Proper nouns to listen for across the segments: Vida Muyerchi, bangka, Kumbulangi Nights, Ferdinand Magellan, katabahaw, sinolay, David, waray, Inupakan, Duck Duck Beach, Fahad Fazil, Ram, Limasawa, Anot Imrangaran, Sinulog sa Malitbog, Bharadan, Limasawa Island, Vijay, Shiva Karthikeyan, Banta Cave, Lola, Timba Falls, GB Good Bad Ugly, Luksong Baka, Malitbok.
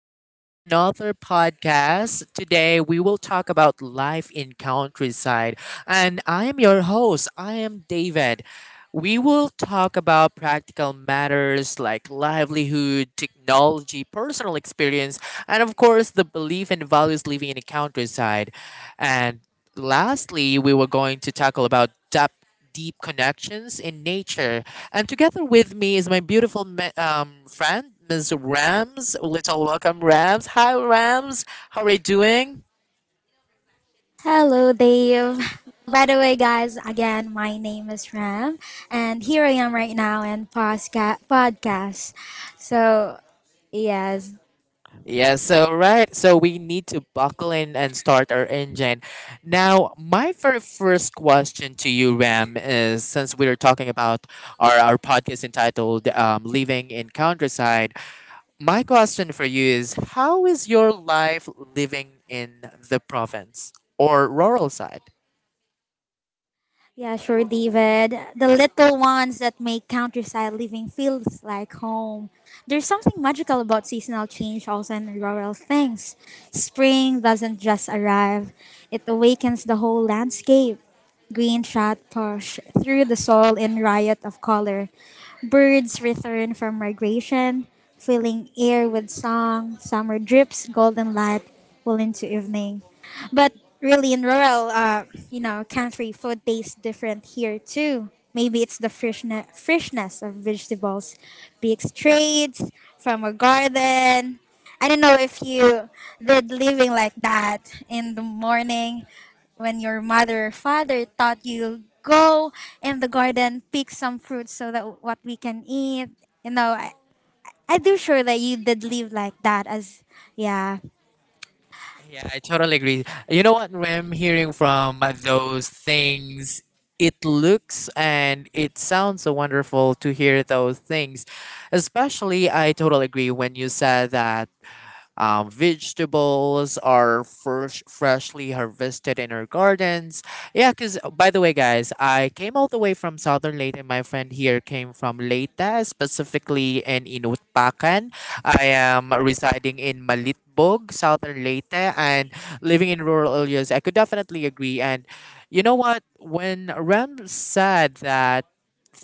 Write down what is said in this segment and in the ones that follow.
again to another podcast. Today, we will talk about life in countryside. And I am your host. I am David. We will talk about practical matters like livelihood, technology, personal experience, and of course, the belief and values living in the countryside. And lastly, we were going to tackle about depth deep connections in nature, and together with me is my beautiful friend, Ms. Rams. Little welcome, Rams. Hi, Rams. How are you doing? Hello, Dave. By the way, guys, again, my name is Ram, and here I am right now in podcast. So, yes, Yes, so right. So we need to buckle in and start our engine. Now, my very first question to you, Ram, is since we are talking about our podcast entitled Living in Countryside, my question for you is how is your life living in the province or rural side? Yeah, sure, David. The little ones that make countryside living feels like home. There's something magical about seasonal change also in rural things. Spring doesn't just arrive, it awakens the whole landscape. Green shot push through the soil in riot of color. Birds return from migration, filling air with song. Summer drips golden light well into evening. But really, in rural, country, food tastes different here too. Maybe it's the freshness, of vegetables, big straight from a garden. I don't know if you did living like that in the morning when your mother or father thought you go in the garden, pick some fruits so that what we can eat. You know, I, I do sure that you did live like that as, yeah. Yeah, I totally agree. You know what? When I'm hearing from those things, it looks and it sounds so wonderful to hear those things. Especially, I totally agree when you said that vegetables are fresh, freshly harvested in our gardens. Yeah, because by the way, guys, I came all the way from Southern Leyte, and my friend here came from Leyte, specifically in Inutpakan. I am residing in Malitbog, Southern Leyte, and living in rural areas. I could definitely agree. And you know what? When Rem said that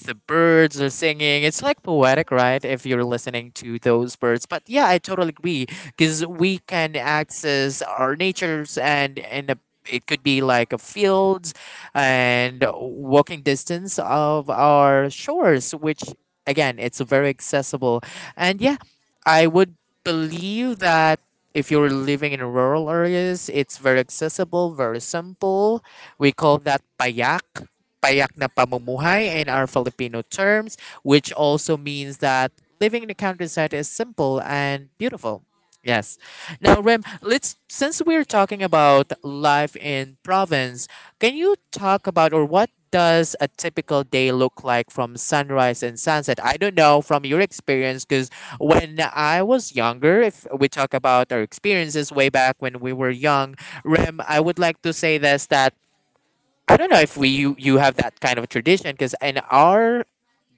the birds are singing. It's like poetic, right? If you're listening to those birds. But yeah, I totally agree because we can access our natures and it could be like a fields and walking distance of our shores, which again, it's very accessible. And yeah, I would believe that if you're living in rural areas, it's very accessible, very simple. We call that payak payak na pamumuhay in our Filipino terms, which also means that living in the countryside is simple and beautiful. Yes. Now, Rem, let's since we're talking about life in province, can you talk about or what does a typical day look like from sunrise and sunset? I don't know from your experience because when I was younger, if we talk about our experiences way back when we were young, Rem, I would like to say this that I don't know if you have that kind of tradition because in our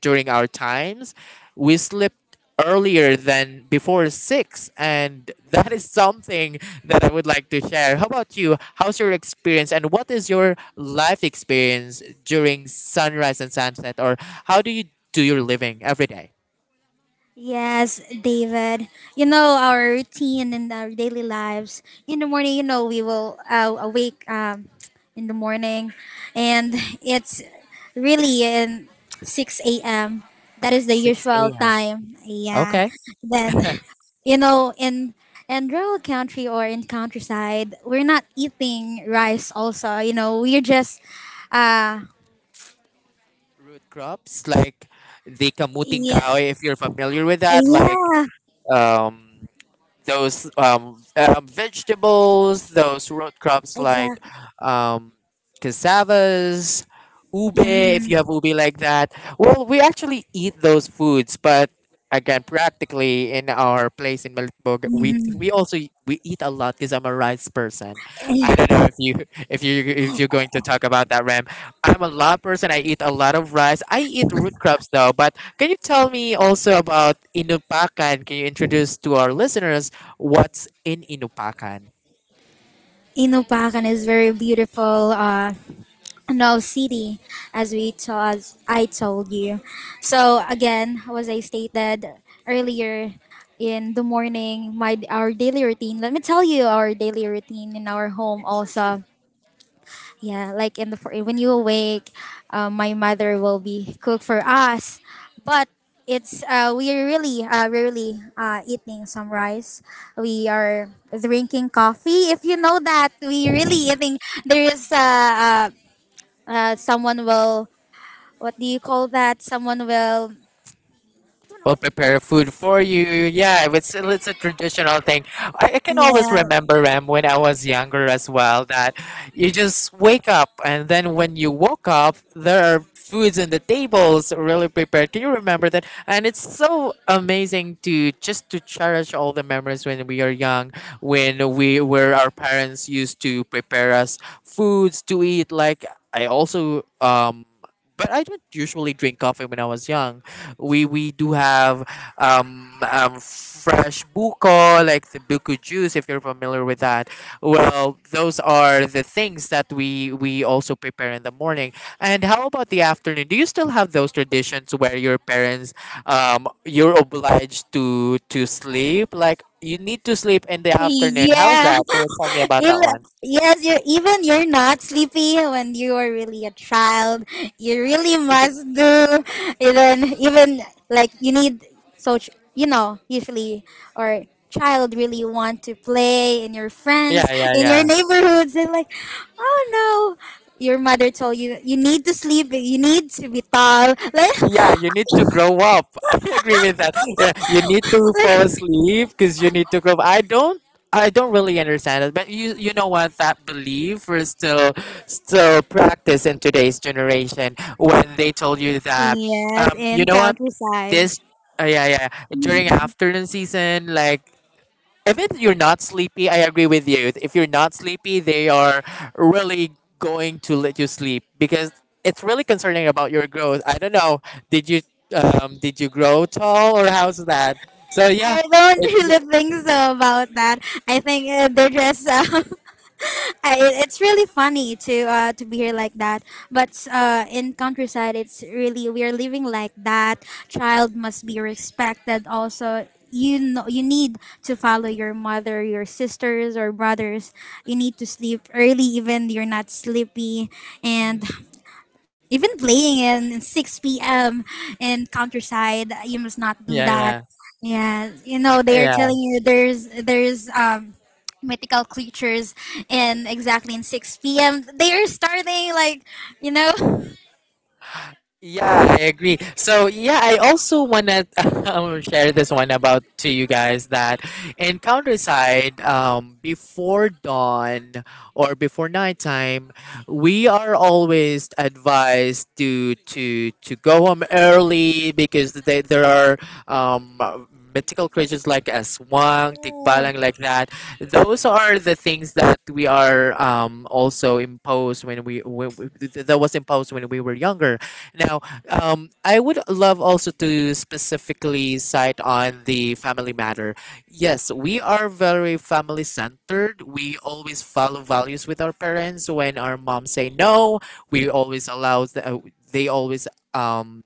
during our times we slept earlier than before six and that is something that I would like to share. How about you? How's your experience and what is your life experience during sunrise and sunset or how do you do your living every day? Yes, David. You know our routine in our daily lives. In the morning, we will awake in the morning, and it's really in 6 a.m. That is the Six usual AM. time. Yeah. Okay. Then, you know, in rural country or in countryside, we're not eating rice. Also, you know, we're just uh Root crops like the kamuting yeah, kahoy if you're familiar with that, like yeah, um those vegetables, those root crops like exactly. um, cassavas, ube, if Hmm. you have ube like that. Well, we actually eat those foods, but again, practically in our place in Melitbog, we Hmm. we also y- we eat a lot because I'm a rice person. I don't know if you if you if you're going to talk about that, Ram. I'm a lot person. I eat a lot of rice. I eat root crops though, but can you tell me also about inupakan? Can you introduce to our listeners what's in Inupakan. Inupakan is very beautiful, no city as as I told you. So again, as I stated earlier, in the morning, my our daily routine. Let me tell you our daily routine in our home Sure, sure. also. Yeah, like in the for when you awake, my mother will be cook for us, but it's we are really rarely eating some rice. We are drinking coffee. If you know that, we really eating. There is someone will, what do you call that? Someone will, We'll prepare food for you. Yeah, it's a traditional thing. I can always yeah. remember Ram when I was younger as well that you just wake up and then when you woke up there are foods on the tables really prepared. Can you remember that? And it's so amazing to just to cherish all the memories when we are young, when we where our parents used to prepare us foods to eat. Like I also but I don't usually drink coffee when I was young. We do have fresh buko, like the buko juice, if you're familiar with that. Well, those are the things that we also prepare in the morning. And how about the afternoon? Do you still have those traditions where your parents, you're obliged to sleep? Like you need to sleep in the afternoon. How's that? Yeah. Can you tell me about that Even one? yes, you, even you're not sleepy when you were really a child. You I really agree. must do even, like you need so you know, usually or child really want to play in your Yeah, friends yeah, in yeah, your neighborhoods. They're like, oh no. Your mother told you you need to sleep. You need to be tall. yeah, you need to grow up. I agree with that. Yeah, you need to fall like asleep because you need to grow up. I don't really understand it but you know what that belief is still practiced in today's generation when they told you that yes, you in know what countryside. this yeah yeah during afternoon season like if it, you're not sleepy, I agree with you. If you're not sleepy, they are really going to let you sleep because it's really concerning about your growth. I don't know. Did you did you grow tall or how's that? So yeah, I don't it's really think so about that. I think they're just. I, it's really funny to be here like that. But in countryside, it's really we are living like that. Child must be respected. Also, you know, you need to follow your mother, your sisters or brothers. You need to sleep early, even you're not sleepy, and even playing in 6 p.m. in countryside, you must not do yeah that. yeah Yeah, you know, they are yeah. telling you, there's mythical creatures in exactly in 6 p.m. They are starting, like, you know. Yeah, I agree. So yeah, I also wanna share this one about to you guys that in countryside, before dawn or before nighttime, we are always advised to to go home early because there are um, mythical creatures like a swang, tikbalang, like that. Those are the things that we are also imposed when we that was imposed when we were younger. Now, I would love also to specifically cite on the family matter. Yes, we are very family centered. We always follow values with our parents. When our mom say no, we always allow. They always um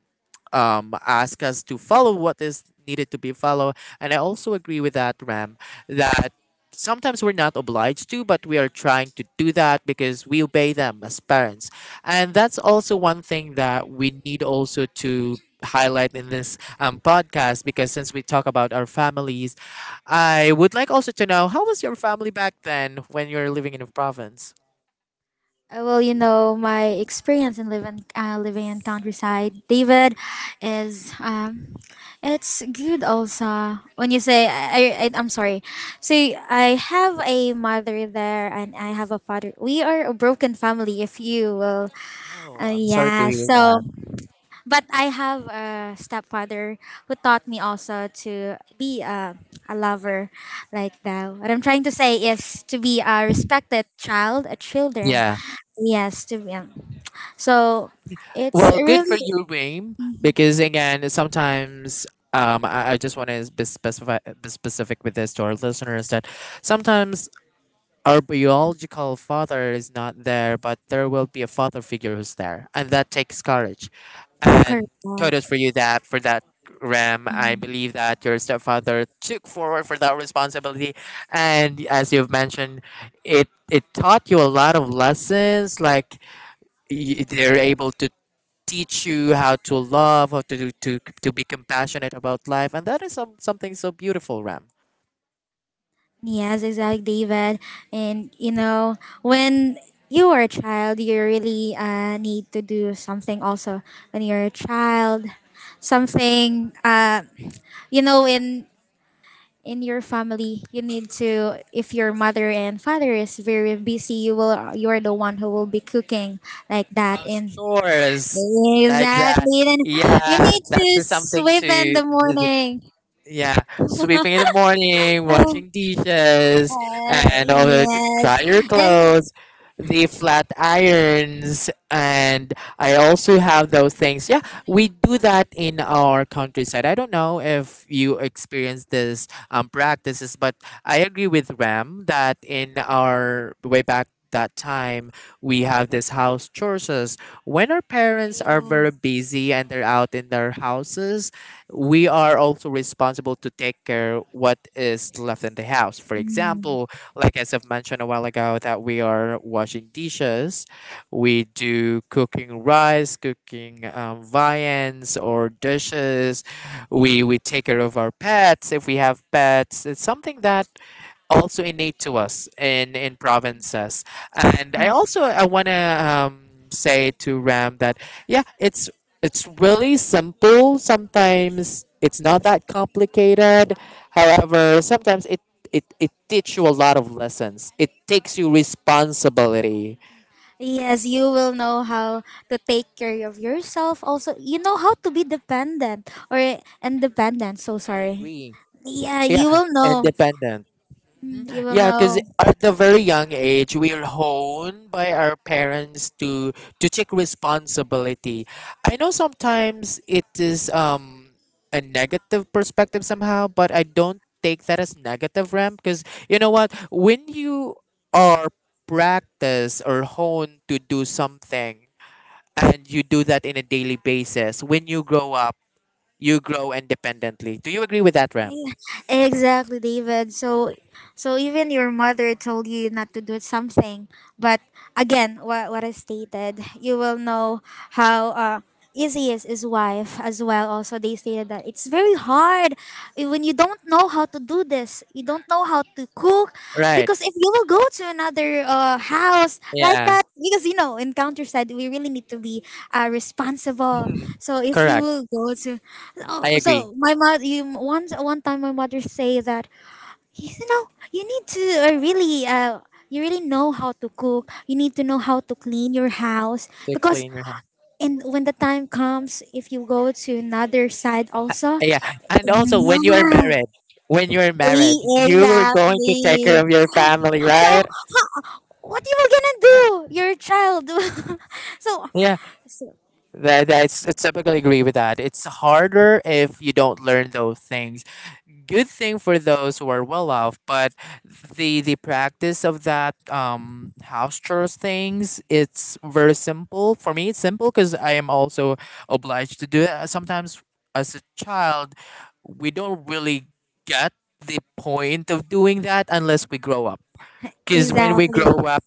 ask us to follow what is needed to be followed. And I also agree with that, Ram, that sometimes we're not obliged to, but we are trying to do that because we obey them as parents. And that's also one thing that we need also to highlight in this podcast, because since we talk about our families, I would like also to know how was your family back then when you were living in the province? Well, you know, my experience in living living in countryside, David, is it's good also. When you say I'm sorry, so I have a mother there and I have a father. We are a broken family, if you will. Oh, I'm sorry to Yeah, hear so that. but I have a stepfather who taught me also to be a lover like that. What I'm trying to say is to be a respected child, a children. Yeah. Yes, to be. So it's Well, good for really you, Reem, because again, sometimes I just want to be specific with this to our listeners that sometimes our biological father is not there, but there will be a father figure who's there, and that takes courage. And kudos correct. for you that for that. Ram, I Mm. believe that your stepfather took forward for that responsibility, and as you've mentioned, it taught you a lot of lessons, like they're able to teach you how to love, how to do, to be compassionate about life, and that is something so beautiful, Ram. Yes, exactly, David. And you know, when you are a child, you really need to do something also when you're a child. Something, in your family, you need to, if your mother and father is very busy, you are the one who will be cooking like that, House and chores like that. exactly then you Yeah, need to that's something sweep in to the morning. Yeah, sweeping in the morning, Oh, washing dishes, and all the yes, dry your and clothes, the flat irons, and I also have those things. Yeah, we do that in our countryside. I don't know if you experience this practices, but I agree with Ram that in our way back that time we have this house chores when our parents are yeah. very busy and they're out in their houses we are also responsible to take care what is left in the house for Mm. example like as I've mentioned a while ago that we are washing dishes we do cooking rice cooking viands or dishes we take care of our pets if we have pets it's something that also innate to us in provinces and I want to say to ram that yeah it's really simple sometimes it's not that complicated however sometimes it teaches you a lot of lessons it takes you responsibility Yes, you will know how to take care of yourself. Also, you know how to be dependent or independent. So I sorry. agree Yeah, yeah you will know. independent. Mm. You will Yeah, know. because at a very young age, we are honed by our parents to take responsibility. I know sometimes it is a negative perspective somehow, but I don't take that as negative, Ram. Because you know what, when you are practiced or honed to do something, and you do that in a daily basis, when you grow up, you grow independently. Do you agree with that, Ram? Exactly, David. Even your mother told you not to do something. But again, what I stated, you will know how easy is his wife as well. Also, they stated that it's very hard when you don't know how to do this. You don't know how to cook Right. because if you will go to another house like Yeah. that, because you know, in countryside, we really need to be responsible. Mhm. So if you Correct. will go to, oh, I agree. so my mother, you, one time my mother say that, you know, you need to really you really know how to cook. You need to know how to clean your house To because, clean your house. and when the time comes, if you go to another side also, Yeah, and also when you are yeah, married, when you are married, you are going to take care exactly. of your family, So, right? ho- what you were gonna do? You're a child. so, Yeah, so, that that's I typically agree with that. It's harder if you don't learn those things. Good thing for those who are well off, but the practice of that house chores things, it's very simple. For me, it's simple because I am also obliged to do it. Sometimes as a child, we don't really get the point of doing that unless we grow up. Because when we exactly. grow up,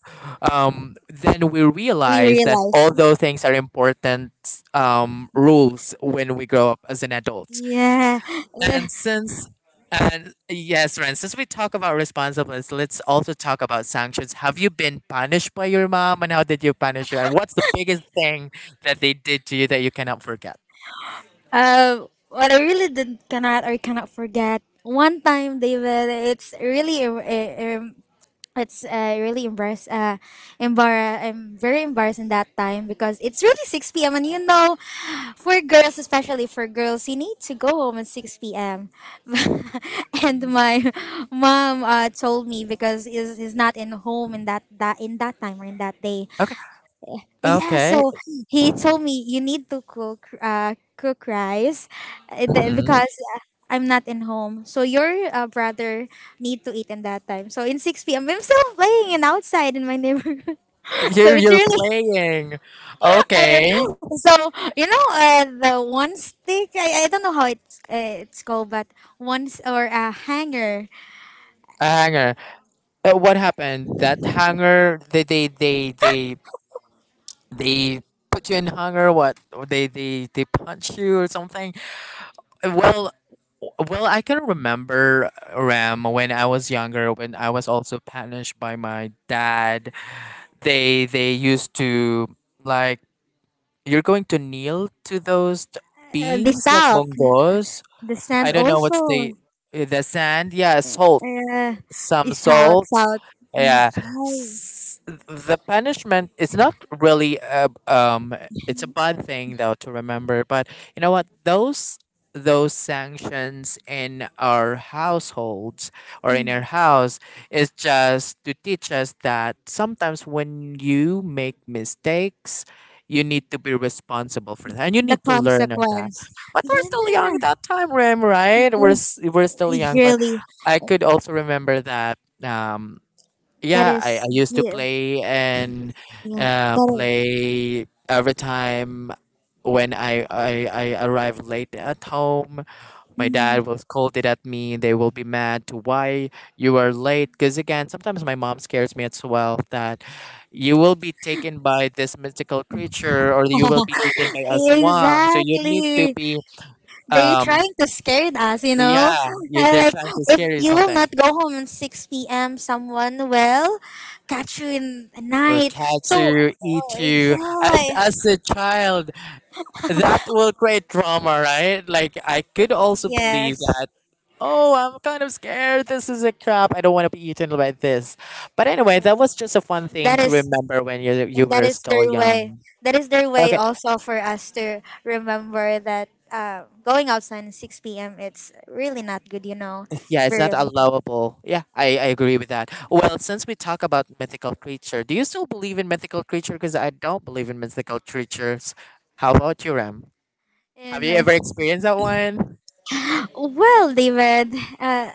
then we We realize that realize. all those things are important rules when we grow up as an adult. Yeah. Yeah. And since and yes, Ren, since we talk about responsibilities, let's also talk about sanctions. Have you been punished by your mom and how did you punish her? And what's the biggest thing that they did to you that you cannot forget? What I really did cannot or cannot forget. One time, David, it's really a, it's really embarrassed. I'm very embarrassed in that time because it's really 6 p.m. And you know, for girls, especially for girls, you need to go home at 6 p.m. and my mom told me because he's not in home in that, in that time or in that day. Okay. Yeah, Okay. so he told me you need to cook, cook rice, Mhm. because uh, I'm not in home. So your brother need to eat in that time. So in 6 p.m. I'm still playing and outside in my neighborhood. so You're it's you're really playing. I- Okay. so you know, the one stick, I don't know how it's called, but one s- or a hanger, A hanger. What happened? That hanger, they put you in hanger, what? Or they they punch you or something? Well, well, I can remember, Ram, when I was younger. When I was also punished by my dad, they used to like, you're going to kneel to those the beans like salt, bongos. the I sand don't know what's the also, the sand. Yeah, salt, uh, some is salt, salt. Mm, Yeah, S- the punishment is not really a, it's a bad thing though to remember, but you know what? Those sanctions in our households or in our yes. house is just to teach us that sometimes when you make mistakes, you need to be responsible for that and you The need to learn of that. consequence. But we're still young at Yeah, that time, Rem, right? we're s- it's we're still young, but really I could also remember that. Um, that I is, used to play, and yeah, that play every time when I arrive late at home. My dad will scold it at me. They will be mad to why you are late. Because again, sometimes my mom scares me as well that you will be taken by this mystical creature or you will be eaten is, by a swan. So you need to exactly. be They um trying to scare us, you know. yeah. I they're like trying to if scare you you will something. not go home at 6 p.m., someone will catch you in the night. So oh, Kachu, Ichu, and yeah, as a child, that will create trauma, right? Like, I could also believe yes, that, oh, I'm kind of scared. This is a crab. I don't want to be eaten by this. But anyway, that was yes, just a fun thing that to is, remember when you and that were is still their way, young. Okay, also for us to remember that, going outside at 6 p.m. it's really not good, you know, yeah, it's very not important. allowable. Yeah, I agree with that. Well, since we talk about mythical creature, do you still believe in mythical creature? Because I don't believe in mythical creatures. How about you, Ram? Have And you ever experienced that one? well, David, uh,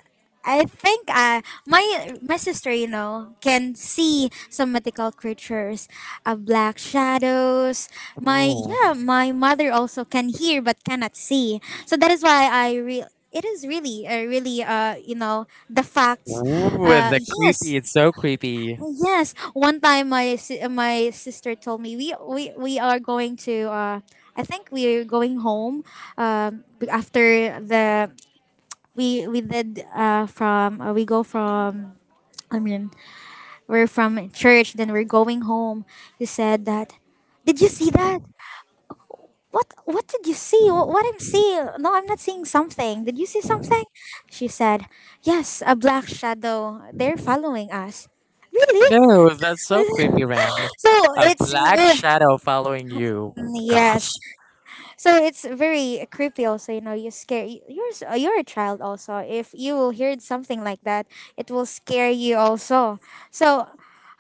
I think my my sister, you know, can see some mythical creatures, black shadows. My Oh, yeah, my mother also can hear but cannot see. So that is why it is really really you know, the facts. ooh, the Yes. creepy. It's so creepy. Yes, one time my my sister told me, we are going to, I think we're going home, um after the, we did from, we go from, I mean, we're from church, then we're going home. He said that, did you see that? What, did you see? What, I'm seeing? No, I'm not seeing something. Did you see something? She said, yes, a black shadow. They're following us. Really? No, that's so creepy, Ram. so A it's, black shadow following you. Oh, yes. gosh. So it's very creepy. Also, you know, you scare you're you're a child. Also, if you will hear something like that, it will scare you. Also, so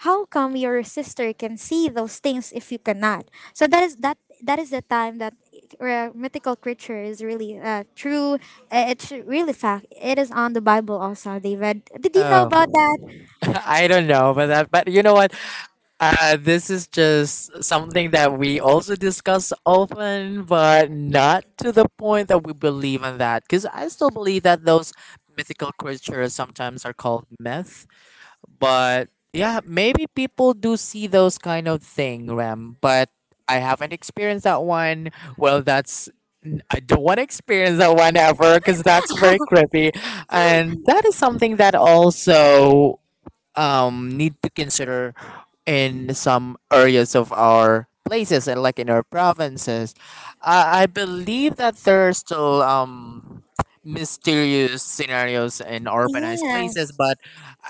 how come your sister can see those things if you cannot? So that is, that is the time that mythical creature is really true. It's really fact. It is on the Bible. Also, David, did you know about that? Oh, I don't know about that, but you know what? This is just something that we also discuss often, but not to the point that we believe in that. Because I still believe that those mythical creatures sometimes are called myth. But yeah, maybe people do see those kind of thing, Ram. But I haven't experienced that one. Well, I don't want to experience that one ever because that's very creepy, and that is something that also need to consider in some areas of our places and like in our provinces. I believe that there are still mysterious scenarios in urbanized places, Yes. but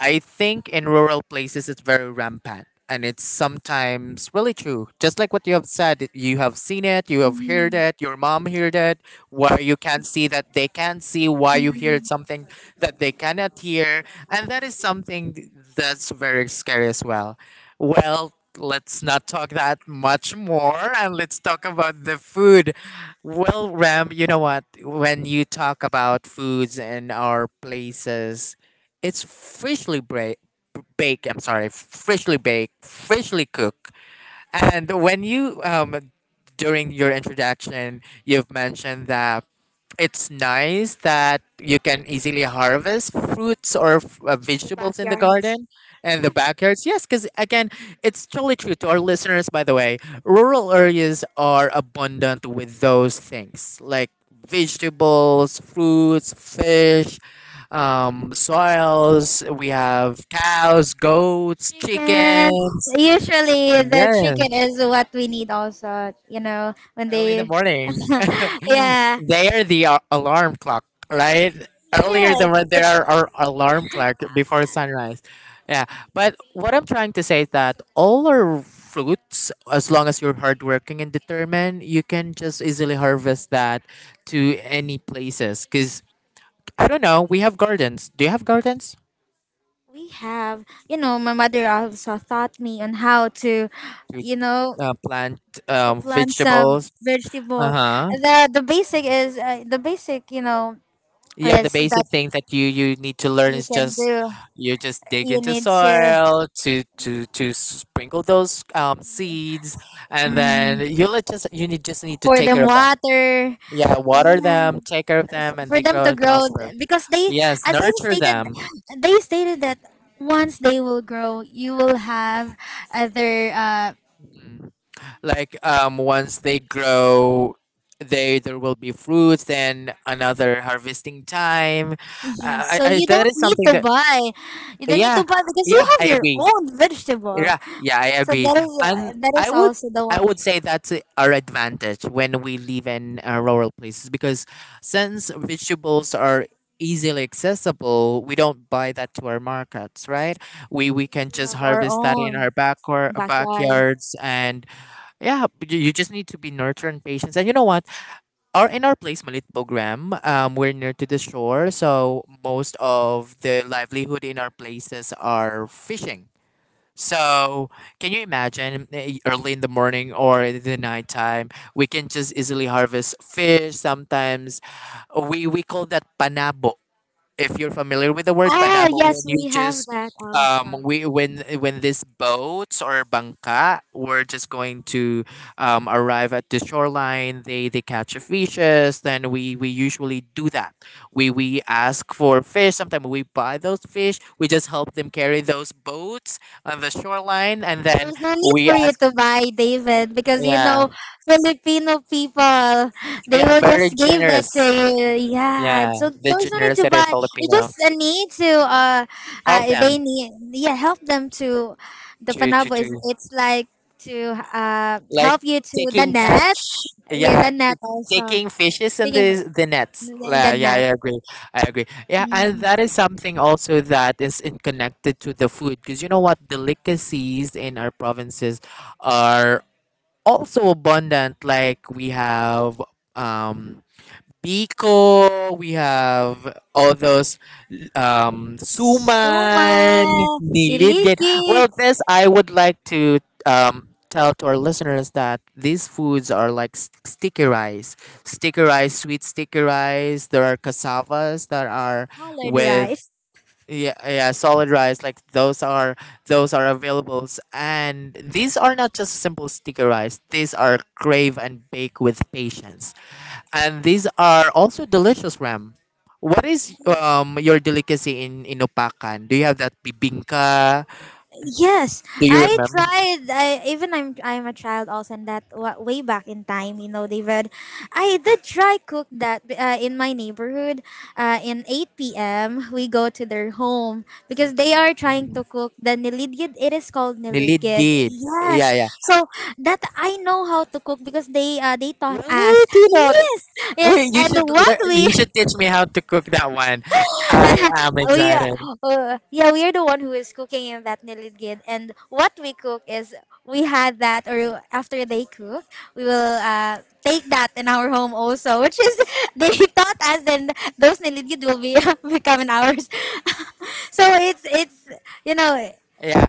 I think in rural places it's very rampant. And it's sometimes really true. Just like what you have said, that you have seen it, you have heard Mhm. it, your mom heard it, where you can see that they can see, why you heard Mhm. something that they cannot hear, and that is something that's very scary as well. Well, let's not talk that much more and let's talk about the food. Well, Ram, you know what? When you talk about foods in our places, it's freshly baked, I'm sorry, freshly baked, freshly cooked. And when you, during your introduction, you've mentioned that it's nice that you can easily harvest fruits or In the vegetables in the backyard. garden and the backyards. Yes, because again, it's totally true to our listeners, by the way. Rural areas are abundant with those things like vegetables, fruits, fish, soils. We have cows, goats, Chicken. chickens. Usually the Yes, chicken is what we need also, you know, when early in the they morning. yeah. They are the alarm clock, right? Yeah. Earlier than what they It's, are our alarm clock before sunrise. Yeah, but what I'm trying to say is that all our fruits, as long as you're hardworking and determined, you can just easily harvest that to any places. Because I don't know, we have gardens. Do you have gardens? we have, you know, my mother also taught me on how to, We you know, plant to plant some vegetables. Uh vegetable. huh. The basic is, the basic, you know, Yeah, the is basic that thing that you need to learn you is can just do. you just dig You into need to, soil to to sprinkle those seeds, and then mm, you let just you need just need to pour take care them of them. water. Yeah, water Yeah. them, take care of them, and For they them grow to and grow, prosper. Because they, Yes, as they nurture stated, them. That once they will grow, you will have other, Mhm. Like once they grow, they there will be fruits. Then another harvesting time. yes, Uh, I, so I you that don't is need something to that buy, you don't need to yeah, buy because you yeah, have I your agree. own vegetable. Yeah, yeah, I So agree. that is, And that is I would also the I one, would say that's our advantage when we live in rural places, because since vegetables are easily accessible, we don't buy that to our markets, right? We because can we just have our harvest that in own our backyard backyard. backyards and yeah, but you just need to be nurturing and patience. And you know what? Our in our place Malitpogram, we're near to the shore, so most of the livelihood in our places are fishing. So, can you imagine early in the morning or the nighttime, we can just easily harvest fish. Sometimes we call that panabo, if you're familiar with the word Ah panabo, when yes, you we have just that also. we when these boats or bangka were just going to arrive at the shoreline, they catch the fishes. Then we usually do that. We ask for fish. Sometimes we buy those fish. We just help them carry those boats on the shoreline, and then There's no need we for you ask. to buy, David, because you know Yeah, Filipino people, they yeah, will very just give that to generous. you. Yeah, Yeah, so the there's no need to generosity of buy. You Filipino just need to help them they need, yeah, help them to the to to panabo, to is it's like to like help you to the taking net. catch, Yeah, yeah, the net also. taking fishes in Thinking of, the nets. yeah, the Yeah, I net. agree, I agree. Yeah, and Mhm. that is something also that is in connected to the food, because you know what, delicacies in our provinces are also abundant. Like we have um Biko, we have all those Suma, Suman, Nilidin. diligid, Well, this I would like to tell to our listeners that these foods are like sticky rice, sweet sticky rice. There are cassavas that are colored with rice. yeah, yeah, solid rice. Like those are availables, and these are not just simple sticky rice. These are crave and bake with patience, and these are also delicious, Ram. What is your delicacy in opakan? Do you have that bibingka? Yes, Do you I remember? tried. I even, I'm a child also, and that way back in time, you know, David, I did try cook that, in my neighborhood. In eight p.m. we go to their home because they are trying to cook the nilidgid. It is called nilidgid. Nilidgid. Yeah, Yes, yeah. so that I know how to cook because they taught us. Really? Do you know? Yes, yes, Wait, and what you we should teach me how to cook that one. I am we are, excited. Yeah we are the one who is cooking in that niligid. And what we cook is we had that, or after they cook we will take that in our home also, which is they taught us, and those niligid will be becoming ours so it's you know Yeah.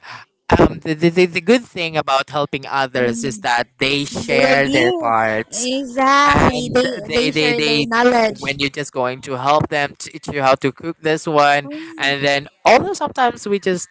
The good thing about helping others is Mm, that they they are share their dear, parts. exactly, And they they they they share their they knowledge. when you're just going to help them, teach you how to cook this one, Mm, and then although sometimes we just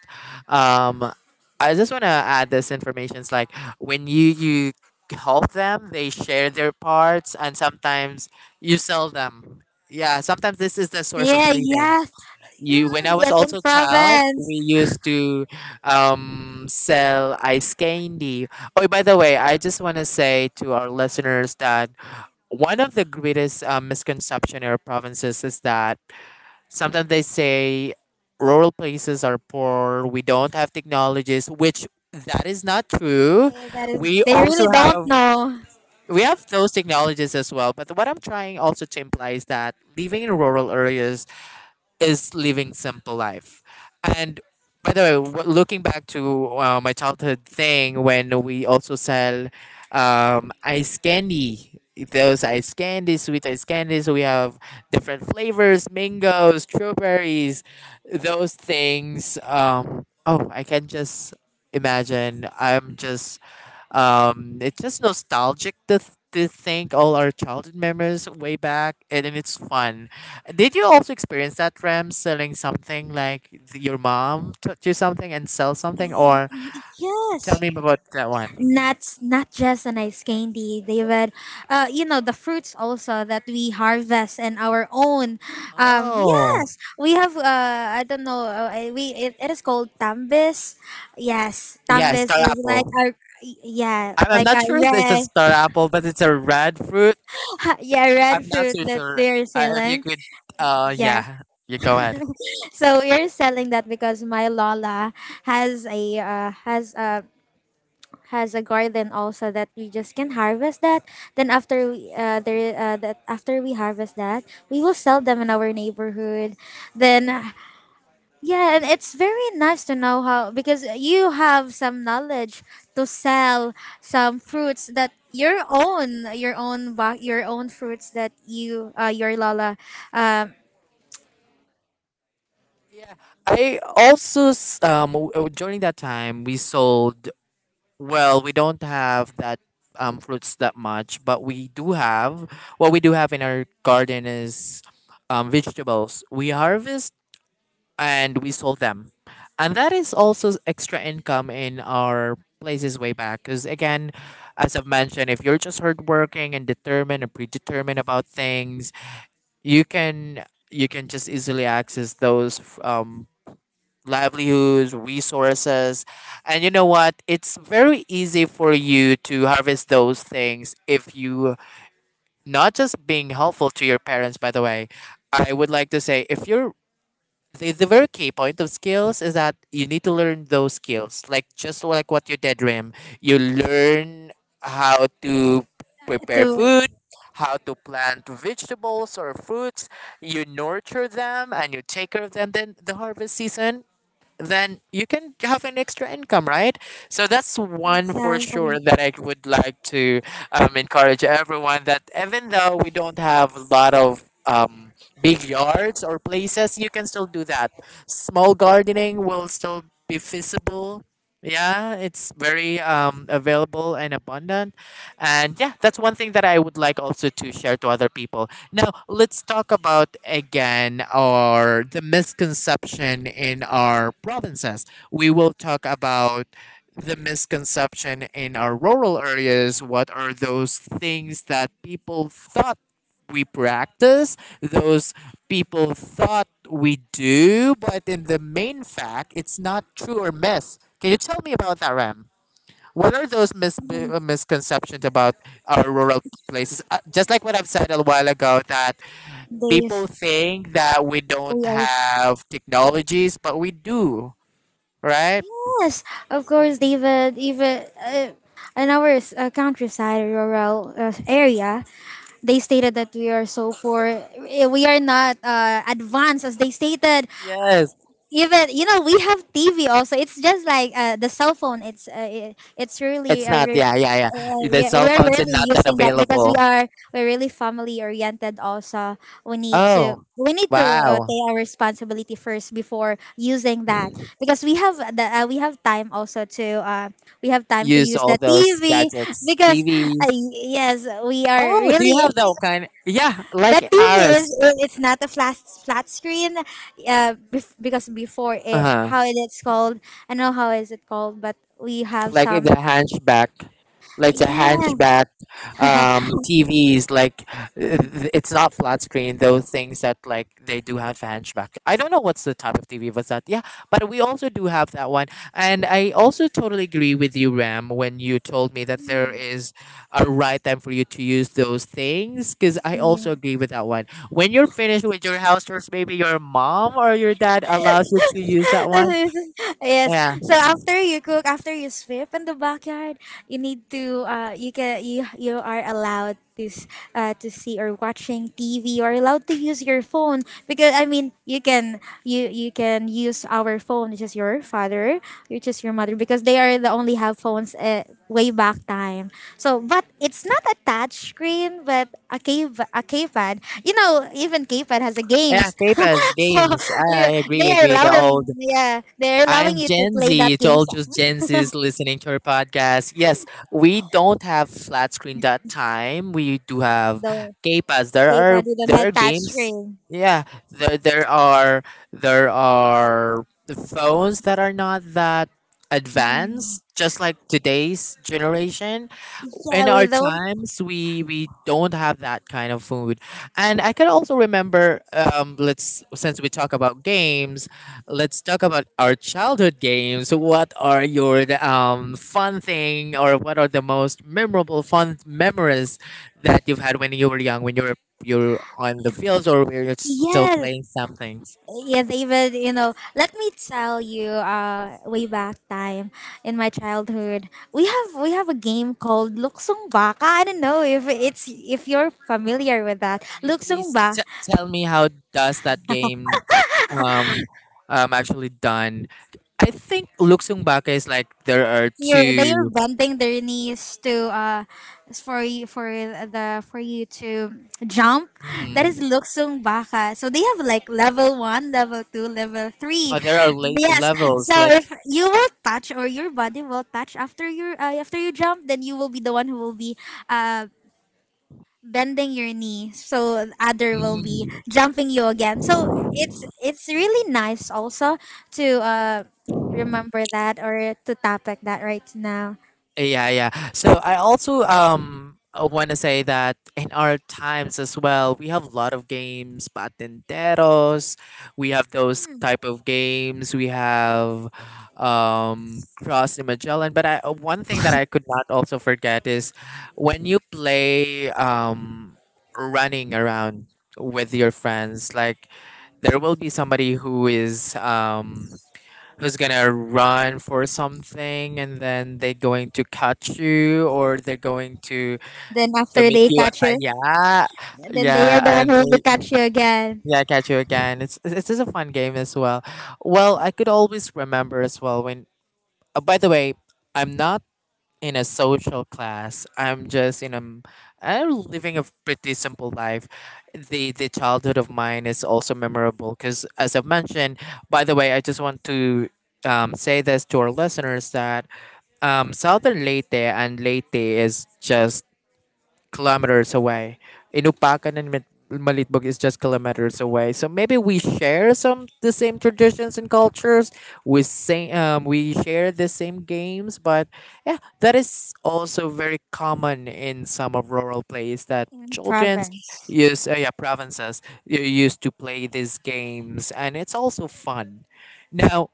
um I just want to add this information, it's like when you help them, they share their parts, and sometimes you sell them. Yeah, sometimes this is the source of yeah, living. yes. You, when I Mm, was yes, in also a child, province. we used to sell ice candy. Oh, by the way, I just want to say to our listeners that one of the greatest misconception in our provinces is that sometimes they say rural places are poor, we don't have technologies, which that is not true. Eh, that is, We they also really don't have, know. we have those technologies as well, but what I'm trying also to imply is that living in rural areas is living simple life. And by the way, looking back to my childhood thing when we also sell ice candy, those ice candies, sweet ice candies, we have different flavors, mangoes, strawberries, those things. Oh, I can just imagine. I'm just it's just nostalgic to, to think all our childhood memories way back, and it's fun. Did you also experience that, Rem, selling something like your mom to something and sell something, Y- or y- tell Yes, me about that one? not just an ice candy, David. You know the fruits also that we harvest and our own. Yes, Oh, we have. I don't know. We it is called tambis. Yes, yeah, star tambis is like apple. our, yeah, I'm like not a sure if it's a red star apple, but it's a red fruit. yeah red I'm not fruit so that sure they're if you selling. could. Yeah, Yeah, you go ahead. so we're selling that because my Lola has a has a has a garden also that we just can harvest that. Then after we there that after we harvest that, we will sell them in our neighborhood. Then yeah, and it's very nice to know how, because you have some knowledge to sell some fruits that your own, your own ba your own fruits that you your lola, um, Yeah, I also during that time we sold, well, we don't have that fruits that much, but we do have what we do have in our garden is vegetables. We harvest and we sell them, and that is also extra income in our places way back. Because again, as I've mentioned, if you're just hardworking and determined and predetermined about things, you can just easily access those livelihoods, resources. And you know what? It's very easy for you to harvest those things if you not just being helpful to your parents, by the way. I would like to say if you're the very key point of skills is that you need to learn those skills. Like just like what you did, Rim. You learn how to prepare to, food, how to plant vegetables or fruits. You nurture them and you take care of them, then the harvest season, then you can have an extra income, right? So that's one for exactly, sure that I would like to encourage everyone that even though we don't have a lot of big yards or places, you can still do that. Small gardening will still be feasible. Yeah, it's very available and abundant. And yeah, that's one thing that I would like also to share to other people. Now, let's talk about again our the misconception in our provinces. We will talk about the misconception in our rural areas. What are those things that people thought we practice, those people thought we do, but in the main fact, it's not true or miss. Can you tell me about that, Ram? What are those misconceptions about our rural places? Just like what I've said a while ago, that people days think that we don't we are. have technologies, but we do, right? Yes, of course, David. Even in our countryside, rural area, they stated that we are so poor. Eh, we are not advanced, as they stated. Yes. Even you know, we have TV also. It's just like the cell phone. It's it's really It's not, a yeah, yeah, yeah. The yeah, cell we're phones are really not that using that because available. We're really family oriented. Also, Oh, we need to wow. take our responsibility first before using that, Mm. because we have the we have time also to, we have time to Use use all the those TV, gadgets, because uh, TVs. yes we are Oh, do you really have that kind? Yeah, the like TV is, ours. it's not a flat screen. Because before, it, Uh-huh. how it is called, I know how is it called, but we have like some, the hunchback like the yeah. hunchback TVs, it's not flat screen, those things that, like, they do have hunchback. I don't know what's the type of TV was that. Yeah, but we also do have that one. And I also totally agree with you, Ram, when you told me that there is a right time for you to use those things, because I also agree with that one. When you're finished with your house chores, maybe your mom or your dad allows you to use that one. Yes. Yeah. Yeah, So after you cook, after you sweep in the backyard, you need to you can you are allowed to to see or watching TV. You are allowed to use your phone, because I mean you can you can use our phone, which is your father, which is your mother, because they are the only have phones way back time. So but it's not a touch screen but a cave, a keypad. You know, even keypad has a yeah, games. tables, So games. I they agree, are agree. The old. allowing, yeah, they're allowing I'm you to Gen play that Z. To game all just Gen Zs listening to our podcast, yes, we don't have flat screen that time. We do have though. K pads. There They did are not there are have touch games. screen. Yeah, there there are there are phones that are not that Mm. advanced, just like today's generation. Yeah, In we our don't. times, we don't have that kind of food. And I can also remember, let's since we talk about games, let's talk about our childhood games. What are your fun thing, or what are the most memorable fun memories that you've had when you were young, when you're on the fields or where you're still Yes, playing some things? yeah. They even, you know. Let me tell you. Way back time in my childhood, we have a game called Luksong Baka. I don't know if it's if you're familiar with that. Can you Luksong, please tell me how does that game um, actually done? I think Luksung Baka is like there are you're, they two. are bending their knees to for you, for the for you to jump, that is Hmm, luksong baka. So they have like level one, level two, level three. oh, there are Yes, so levels, like. if you will touch, or your body will touch after your after you jump, then you will be the one who will be uh bending your knee. So the other will be jumping you again. So it's really nice also to remember that, or to topic that right now. Yeah, yeah. So I also want to say that in our times as well, we have a lot of games, patenteros. We have those type of games. We have Cross the Magellan. But I one thing that I could not also forget is when you play running around with your friends, like there will be somebody who is who's gonna run for something, and then they're going to catch you, or they're going to Then to after make they you a. catch you, Yeah, then they are the yeah, one and who will they, catch you again yeah, catch you again. It's just a fun game as well. Well, I could always remember as well when by the way, I'm not in a social class. I'm just in a m- I'm living a pretty simple life. The childhood of mine is also memorable because, as I've mentioned, by the way, I just want to say this to our listeners that Southern Leyte and Leyte is just kilometers away. Inupakan and Malitbog is just kilometers away. So maybe we share some the same traditions and cultures. We share the same games. But yeah, that is also very common in some of rural plays that in childrens province. use, yeah, provinces you used to play these games, and it's also fun. Now,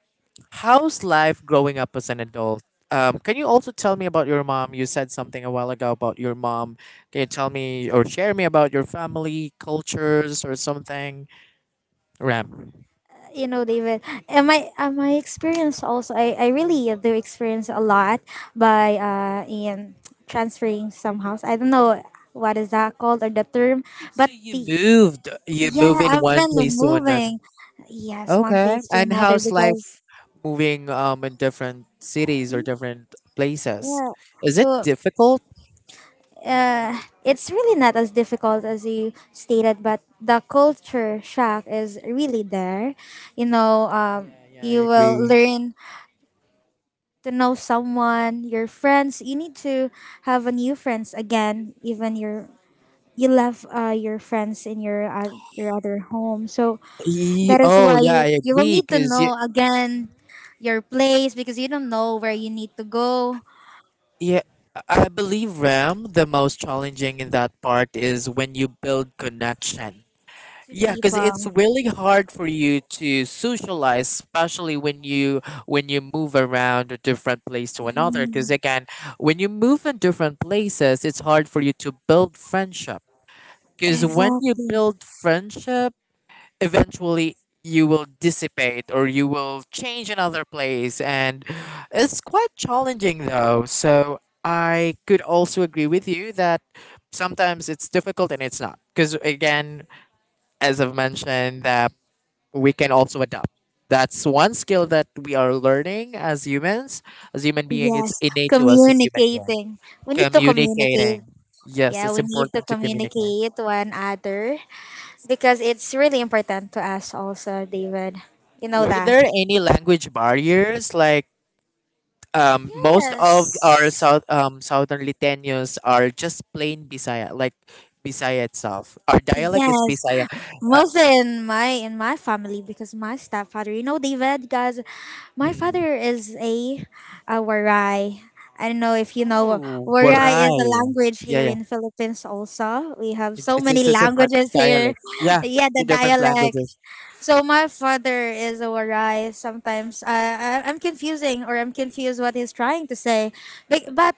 how's life growing up as an adult? Can you also tell me about your mom? You said something a while ago about your mom. Can you tell me or share me about your family cultures or something, Ram? You know, David. And my my experience also, I really do experience a lot by in transferring some house. I don't know what is that called or the term, but So you the, moved. You yeah, move in I've one been place to another. moving. Yes, one Okay. place to And another, how's because life moving in different cities or different places? yeah. Is it So difficult? It's really not as difficult as you stated, but the culture shock is really there. You know, Yeah, yeah, I you will agree. learn to know someone, your friends. You need to have a new friends again, even your, you left your friends in your other home. So that is Oh, why yeah, I you will agree. need to Cause you, know again your place, because you don't know where you need to go yeah, I believe, Ram, the most challenging in that part is when you build connection. to Yeah, because it's people. really hard for you to socialize, especially when you move around a different place to another. Because again, when you move in different places, it's hard for you to build friendship. Because when you Exactly. build friendship, eventually you will dissipate or you will change another place, and it's quite challenging though. So I could also agree with you that sometimes it's difficult, and it's not, because again, as I've mentioned, that we can also adapt. That's one skill that we are learning as humans, as human being. It's Yes, innate to us as human being, communicating. We need to communicating. communicate. Yes, Yeah, it's we need to important to communicate. communicate one other, because it's really important to us also, David. You know Were that. there any language barriers? Like, most of Yes. our southern Liteños are just plain Bisaya, like Bisaya itself. Our dialect is Yes. Bisaya. Uh, Mostly in my, in my family, because my stepfather, you know David, guys, my mm. father is a waray. I don't know if you know Oh, waray is Boray. a language Yeah, here yeah. in Philippines also. We have It, so many it's a part languages here. dialect. Yeah, Yeah, the the different dialect. languages. So my father is a warai. Sometimes I'm confusing or I'm confused what he's trying to say, but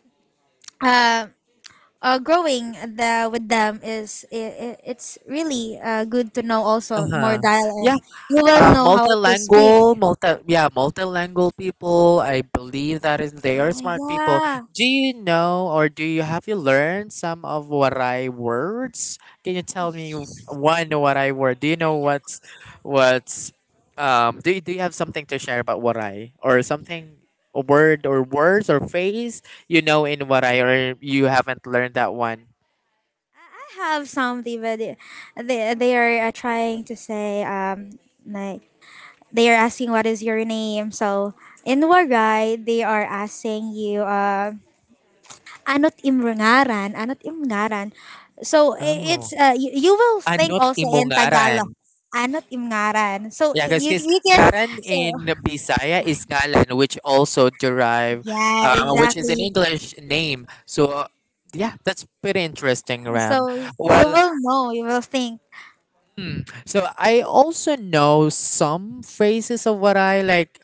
uh, growing the with them is, it's really good to know Uh also more huh. Yeah, dialect. You will know how to speak. multilingual, multi yeah, multilingual people. I believe that is they are smart people. Yeah. Do you know, or do you have you learned some of Warai words? Can you tell me one Warai word? Do you know what's do you have something to share about Warai or something, a word or words or phrase you know in Warai, or you haven't learned that one? I have something, but they are trying to say, um, like they are asking what is your name. So in Warai, they are asking you, um, Anot Imrangaran, Anot Imrangaran. So Oh, it's you will think anot also in imongaran. Tagalog. Anot Imrangaran. So Yeah, because you can, Garan so in Bisaya is Ngalan, which also yeah, which is an exactly. English name. So, yeah, that's pretty interesting, Ram. So you Well, will know, you will think so I also know some phrases of Waray, like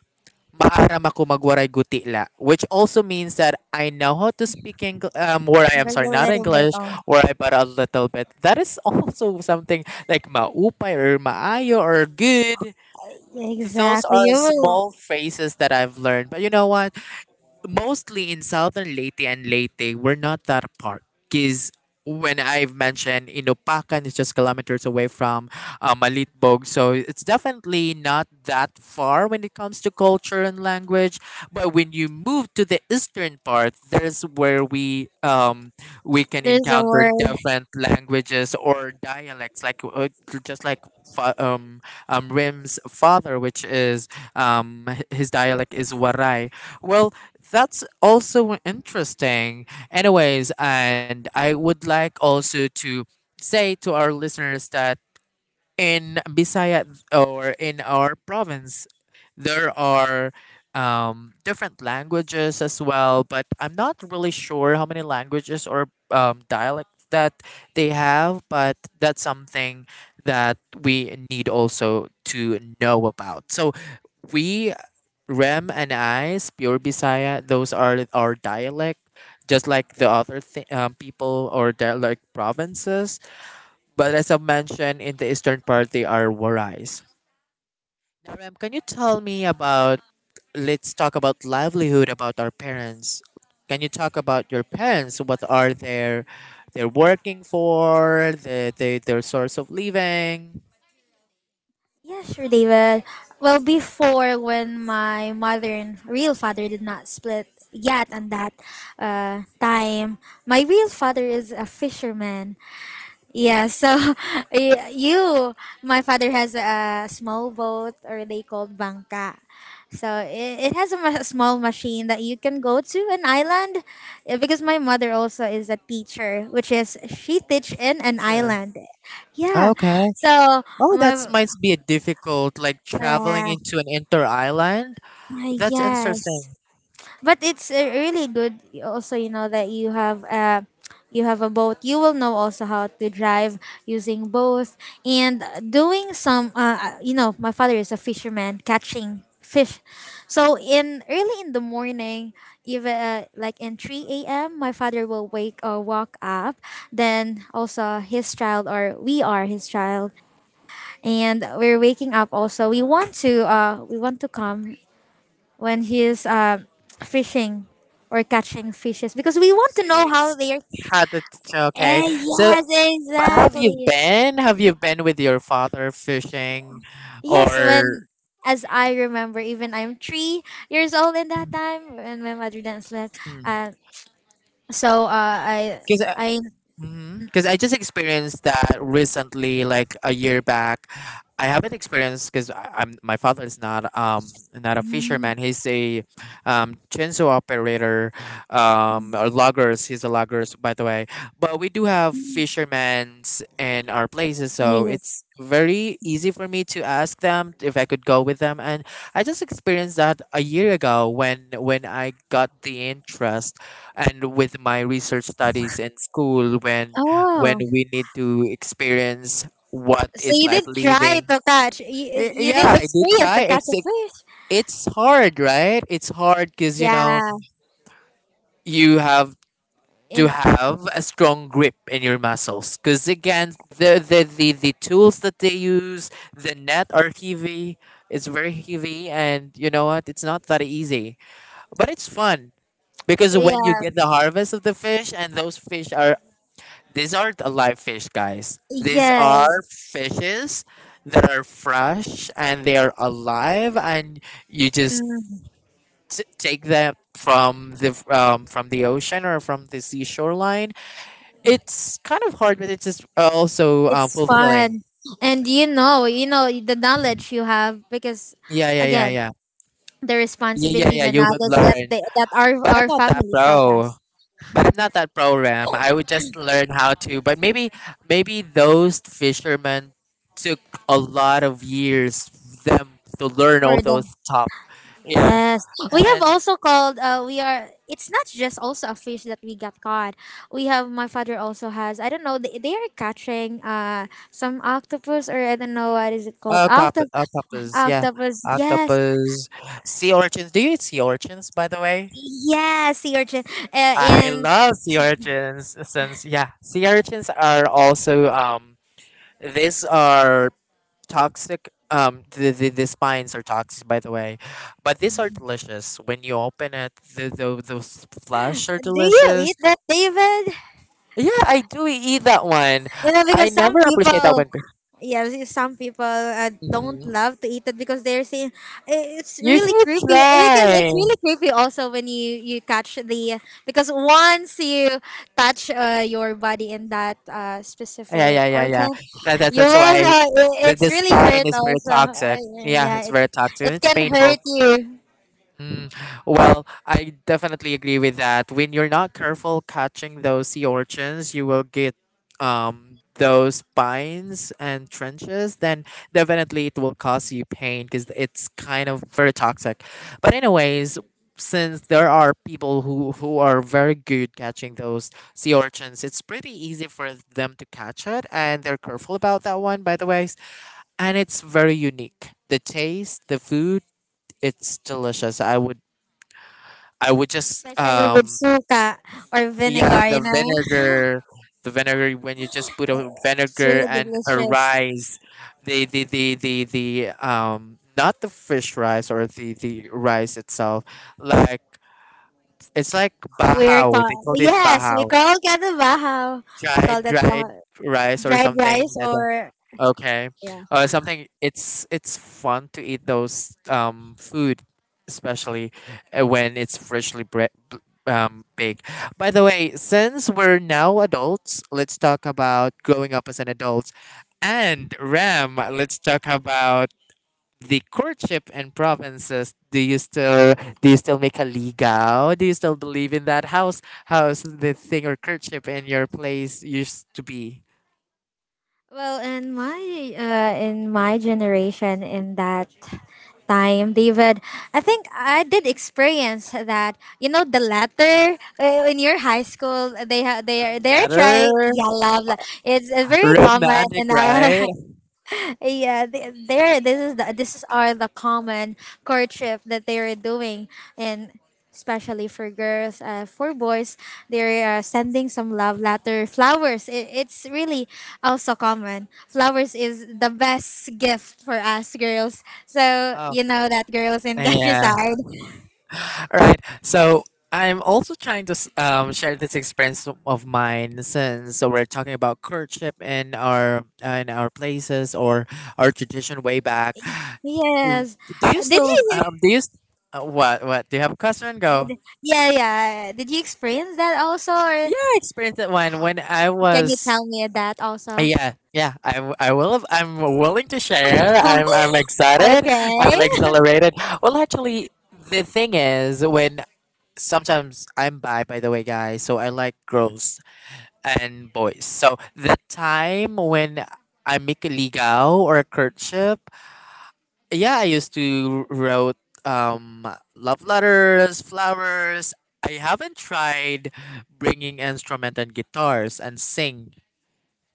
maaram ako magwaray gutila, which also means that I know how to speak Waray, I'm there's sorry, a not little bit English, on. Waray, but a little bit. That is also something like maupay or maayo or good. Those Exactly. are You will, small phrases that I've learned. But you know what? Mostly in southern Leyte and Leyte, we're not that apart. Because when I've mentioned, Inupakan is just kilometers away from Malitbog, so it's definitely not that far when it comes to culture and language. But when you move to the eastern part, there's where we can there's a encounter word. different languages or dialects, like just like fa- um, Rim's father, which is his dialect is Waray. Well, that's also interesting. Anyways, and I would like also to say to our listeners that in Bisaya, or in our province, there are different languages as well, but I'm not really sure how many languages or dialects that they have, but that's something that we need also to know about. So, we Rem and I's pure Bisaya, those are our dialect, just like the other people or dialect provinces. But as I mentioned, in the eastern part, they are Warais. Now, Rem, can you tell me about? Let's talk about livelihood, about our parents. Can you talk about your parents? What are their they're working for? Their source of living. Yeah, sure, David. Well, before, when my mother and real father did not split yet, and that time, my real father is a fisherman. Yeah, so you, my father has a small boat, or they called bangka. So it has a small machine that you can go to an island, eh, because my mother also is a teacher, which is she teach in an Teacher. island. Yeah, Okay. so Oh, that my might be difficult, like traveling uh, into an inter island. That's yes, interesting. but it's really good also, you know, that you have a boat, you will know also how to drive using both and doing some you know my father is a fisherman, catching fish. So in early in the morning, even like in 3 a.m, my father will wake or walk up. Then also his child, or we are his child, and we're waking up also. We want to we want to come when he's fishing or catching fishes, because we want to So you know how they are. had it, okay. Eh, So yes, but have you exactly. been? Have you been with your father fishing, Yes, or when, as I remember, even I'm 3 years old in that time, when my mother didn't slept. Uh, so I because I because I just experienced that recently, like a year back. I haven't experienced because I'm my father is not not a fisherman. He's a chainsaw operator, or loggers. He's a loggers, by the way. But we do have Mm, fishermen's in our places, so yes. it's very easy for me to ask them if I could go with them. And I just experienced that a year ago when I got the interest and with my research studies in school, when Oh, we need to experience what so is you life did try living. to catch, you, you did Yeah, I did experience to try, catch a fish, it's hard, right? It's hard because, you know, yeah, you have to in, have a strong grip in your muscles because, again, the tools that they use, the net are heavy. It's very heavy, and you know what, it's not that easy, but it's fun because yeah. when you get the harvest of the fish, and those fish are. These aren't alive fish, guys. These are Yes. fishes that are fresh and they are alive, and you just Mm. Take them from the ocean or from the seashore line. It's kind of hard, but it's just also It's fulfilling. fun. And you know the knowledge you have, because Yeah, yeah, yeah, again, yeah, the yeah, yeah, responsibility, yeah. the You would knowledge that learn, that but I'm our not that families taught pro, us but I'm not that program. I would just learn how to. But maybe those fishermen took a lot of years for them to learn for all those them. stuff. Yeah, Yes. We have and also called we are, it's not just also a fish that we got caught. We have, my father also has, I don't know, they are catching some octopus, or I don't know what is it called, octopus, yeah, octopus. Yes, octopus, sea urchins. Do you eat sea urchins, by the way? yes, sea urchin. I And love sea urchins. Since, yeah, sea urchins are also, these are toxic. The spines are toxic, by the way, but these are delicious. When you open it, those flesh are do you delicious. eat that, David? Yeah, I do eat that one. You know, I because some never appreciate that people, one. yeah, because some people don't Mhm. love to eat it, because they're saying, "I- "it's You really should creepy." Because try. it's really creepy also when you catch the, because once you touch your body in that Yeah, specific yeah, yeah, yeah, organ, that, that, you that's will. why. The, It's the really spine hurt is very also. toxic. Yeah, it's Yeah, it, very toxic, it it's can painful. hurt you, Mm, well, I definitely agree with that. When you're not careful catching those sea urchins, you will get those spines and trenches. Then definitely it will cause you pain, because it's kind of very toxic. But anyways, since there are people who are very good catching those sea urchins, it's pretty easy for them to catch it, and they're careful about that one, by the way. And it's very unique. The taste, the food, it's delicious. I would just especially with suka or yeah, vinegar. the You know, vinegar. The vinegar, when you just put a it's vinegar really and a delicious. rice, the, not the fish rice, or the rice itself, like it's like We're bahao, call, they called it yes, we bahao, call that katabahaw. We dried call that dried bahaw. rice or Dried something rice, like that. or Okay, yeah. Something. It's fun to eat those food, especially when it's freshly big. By the way, since we're now adults, let's talk about growing up as an adult. And Ram, let's talk about the courtship in provinces. Do you still make a legal? Do you still believe in that? How's the thing or courtship in your place used to be? Well, in my generation, in that time, David, I think I did experience that. You know, the letter in your high school, they they Love are, they're trying, letter, yeah, love. It's very common romantic, in our right? yeah, there. This is, the this is are the common courtship that they are doing, and especially for girls, for boys, they are sending some love letter, flowers. It, it's really also common. Flowers is the best gift for us girls. So Oh you know that girls in yeah. countryside. All right. So I'm also trying to share this experience of mine, since so we're talking about courtship in our places or our tradition way back. W- Yes. Do you Did still you? Do you what do you have a question? Go. Yeah, yeah. Did you experience that also, or Yeah, I experienced that one when I can you was. tell me that also? Yeah, yeah, I will. I'm willing to share. I'm excited. I'm Okay. exhilarated. Well, actually, the thing is, when sometimes by the way, guys. So I like girls and boys. So the time when I make a legal or a courtship, yeah, I used to wrote um love letters, flowers. I haven't tried bringing instrument and guitars and sing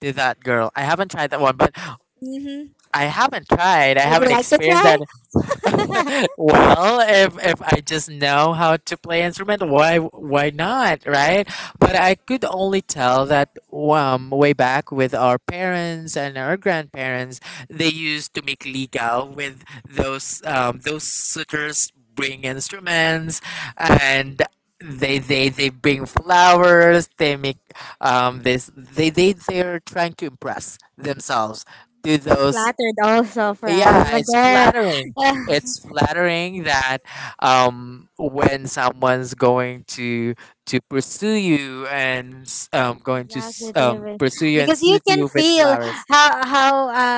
to that girl. I haven't tried that one, but Mhm. I haven't tried. I Would haven't you like to experienced that. try? Well, if I just know how to play instrument, why not, right? But I could only tell that way back with our parents and our grandparents, they used to make ligao with those suitors bring instruments, and they bring flowers. They make this, they're trying to impress themselves to I'm those. flattered also for us. Yeah, Like, it's oh, flattering, yeah, it's flattering that when someone's going to pursue you and going to exactly, David. pursue you and Because you suit can you with feel flowers. how,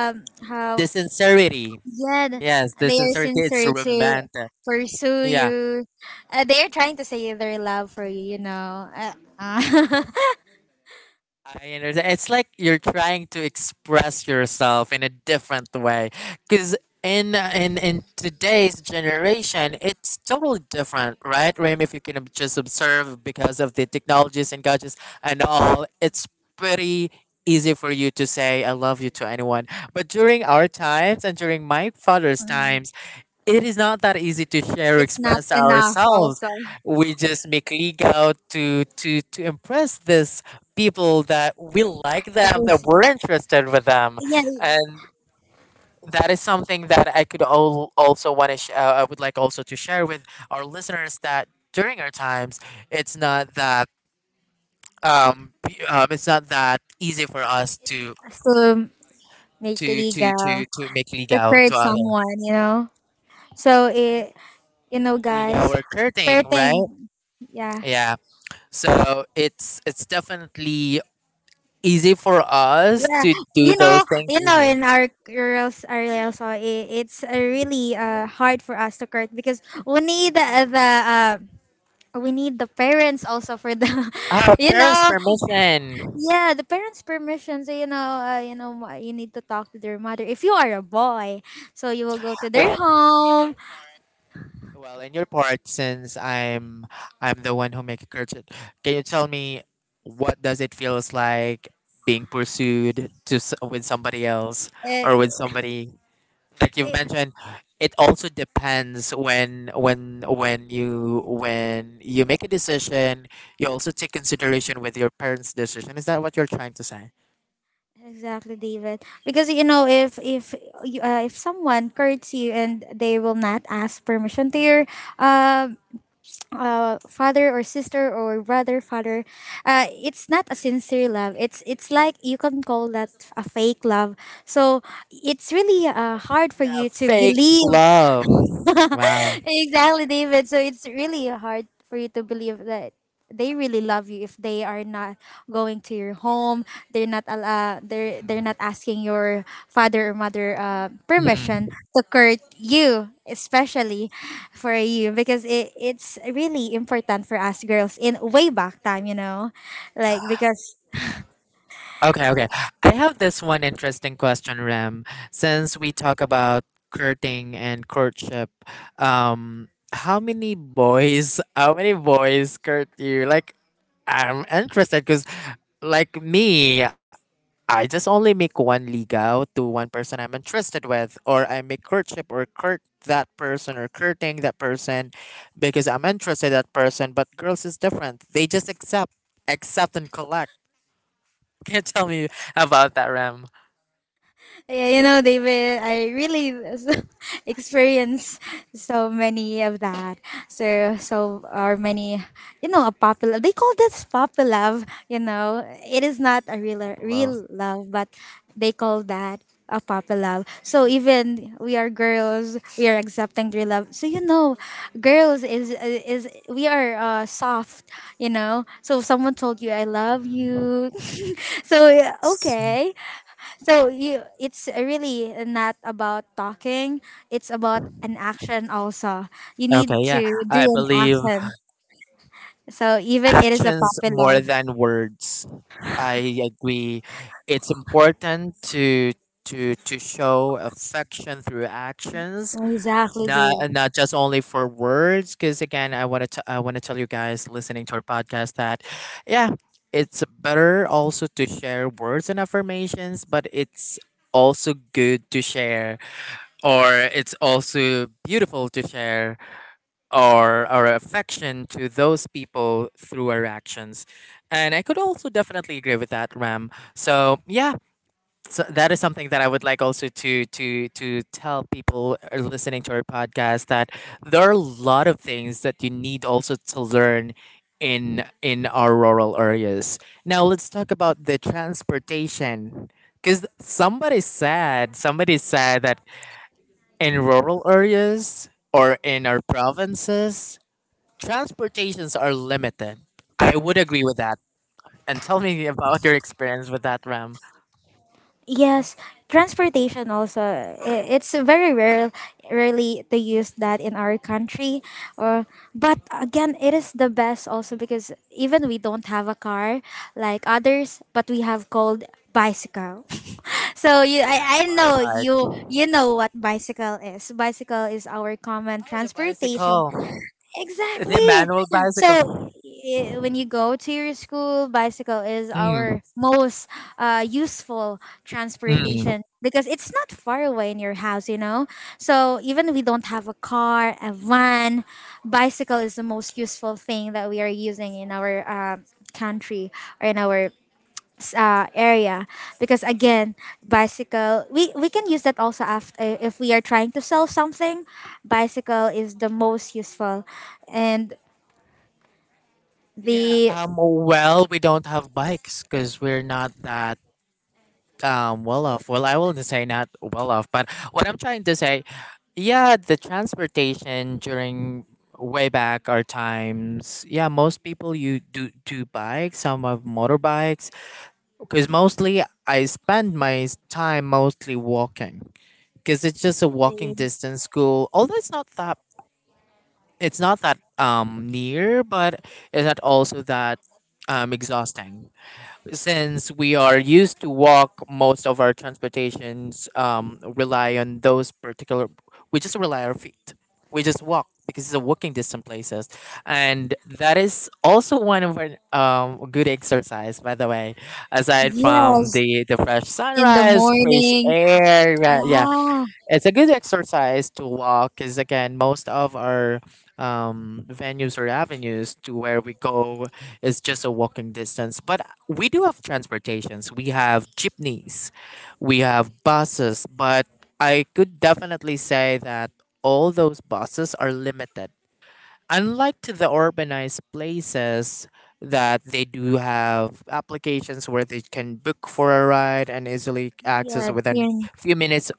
um how The sincerity, yeah, yes, the they are sincerity. It's sincere to romantic. pursue Yeah, you. They are trying to say their love for you. You know, uh, I understand. It's like you're trying to express yourself in a different way, because in today's generation, it's totally different, right, Raim? If you can just observe, because of the technologies and gadgets and all, it's pretty easy for you to say "I love you" to anyone. But during our times and during my father's times, it is not that easy to share or it's not express enough. ourselves. Also, We just make league out to impress this people that we like it them, that is, we're interested with them, yeah, yeah, and that is something that I could also want to. I would like also to share with our listeners that during our times, it's not that it's not that easy for us to make legal to make league to out hurt to other someone. You know, so it, you know, league out guys, or hours, curting, right? flirting. Yeah, Yeah. So it's definitely easy for us yeah. to do You know, those things, you know, easy. in our girls area, so it's really hard for us to court, because we need uh, the parents also for Ah, you parents' know, permission. yeah, the parents' permission. So you need to talk to their mother if you are a boy. So you will go to their Well, in your home. Part, since I'm the one who make a curtain, can you tell me what does it feels like being pursued to with somebody else Uh, or with somebody, Like, like you've mentioned, it also depends when you when you make a decision, you also take consideration with your parents' decision. Is that what you're trying to say? exactly, David. Because if someone courts you, and they will not ask permission to your um father or sister or brother, it's not a sincere love. It's like you can call that a fake love. So it's really hard for Yeah, you to fake believe. love. Wow. Exactly, David. So it's really hard for you to believe that they really love you if they are not going to your home. They're not asking your father or mother Mm. permission to court you, especially for you, because it's really important for us girls in way back time. Like because, Okay, okay. I have this one interesting question, Rem. Since we talk about courting and courtship, how many boys court you? Like, I'm interested, because like me, I just only make one ligaw to one person I'm interested with, or I make courtship or court that person or courting that person because I'm interested in that person. But girls is different. They just accept, accept and collect. Can you tell me about that, Ram? yeah, David, I really experience so many of that. So are many, a popular. They call this puppy love. It is not a A real, couple of. real love, but they call that a puppy love. So even we are girls, we are accepting real love. So girls is we are soft. So if someone told you I love Mm. you. So, yeah, okay, it's really not about talking. It's about an action also. You Okay, need yeah. to do I an believe action. So even it is a actions more popular. than words. I agree. It's important to show affection through actions, Exactly, not do. Not just only for words, because again, I want to tell you guys listening to our podcast that, yeah, it's better also to share words and affirmations, but it's also good to share, or it's also beautiful to share our affection to those people through our actions. And I could also definitely agree with that, Ram. So yeah, so that is something that I would like also to tell people who are listening to our podcast, that there are a lot of things that you need also to learn in our rural areas. Now let's talk about the transportation, because somebody said that in rural areas or in our provinces, transportations are limited. I would agree with that. And tell me about your experience with that, Ram. Yes, transportation also. It's very rarely to use that in our country. Or, but again, it is the best also, because even we don't have a car like others, but we have called bicycle. So you, The I, I know you, motorbike. you know what bicycle is. Bicycle is our common, oh, Oh, the transportation. bicycle. The Exactly. manual So bicycle. i- when you go to your school, bicycle is Mm, our most useful mm. transportation, because it's not far away in your house. So even we don't have a car, a van. Bicycle is the most useful thing that we are using in our country, or in our area, because again, bicycle, we can use that also after, if we are trying to sell something. Bicycle is the most useful, and Yeah. the... Well, we don't have bikes because we're not that well off. Well, I wouldn't say not well off, but what I'm trying to say, yeah, the transportation during way back our times, yeah, most people you do bikes. Some have motorbikes. Because mostly I spend my time mostly walking, because it's just a walking Really? distance school. Although it's not that, it's not that near, but it's not also that exhausting, since we are used to walk. Most of our transportations rely on those particular, we just rely on our feet, we just walk, because it's a walking distance places. And that is also one of our good exercise, by the way, aside from Yes, the fresh in the sunrise, fresh morning. air. Yeah, yeah. Yeah, It's a good exercise to walk, because again, most of our venues or avenues to where we go is just a walking distance. But we do have transportations. We have jeepneys, we have buses. But I could definitely say that all those buses are limited, unlike to the urbanized places that they do have applications where they can book for a ride and easily access yeah, you, within can, few minutes.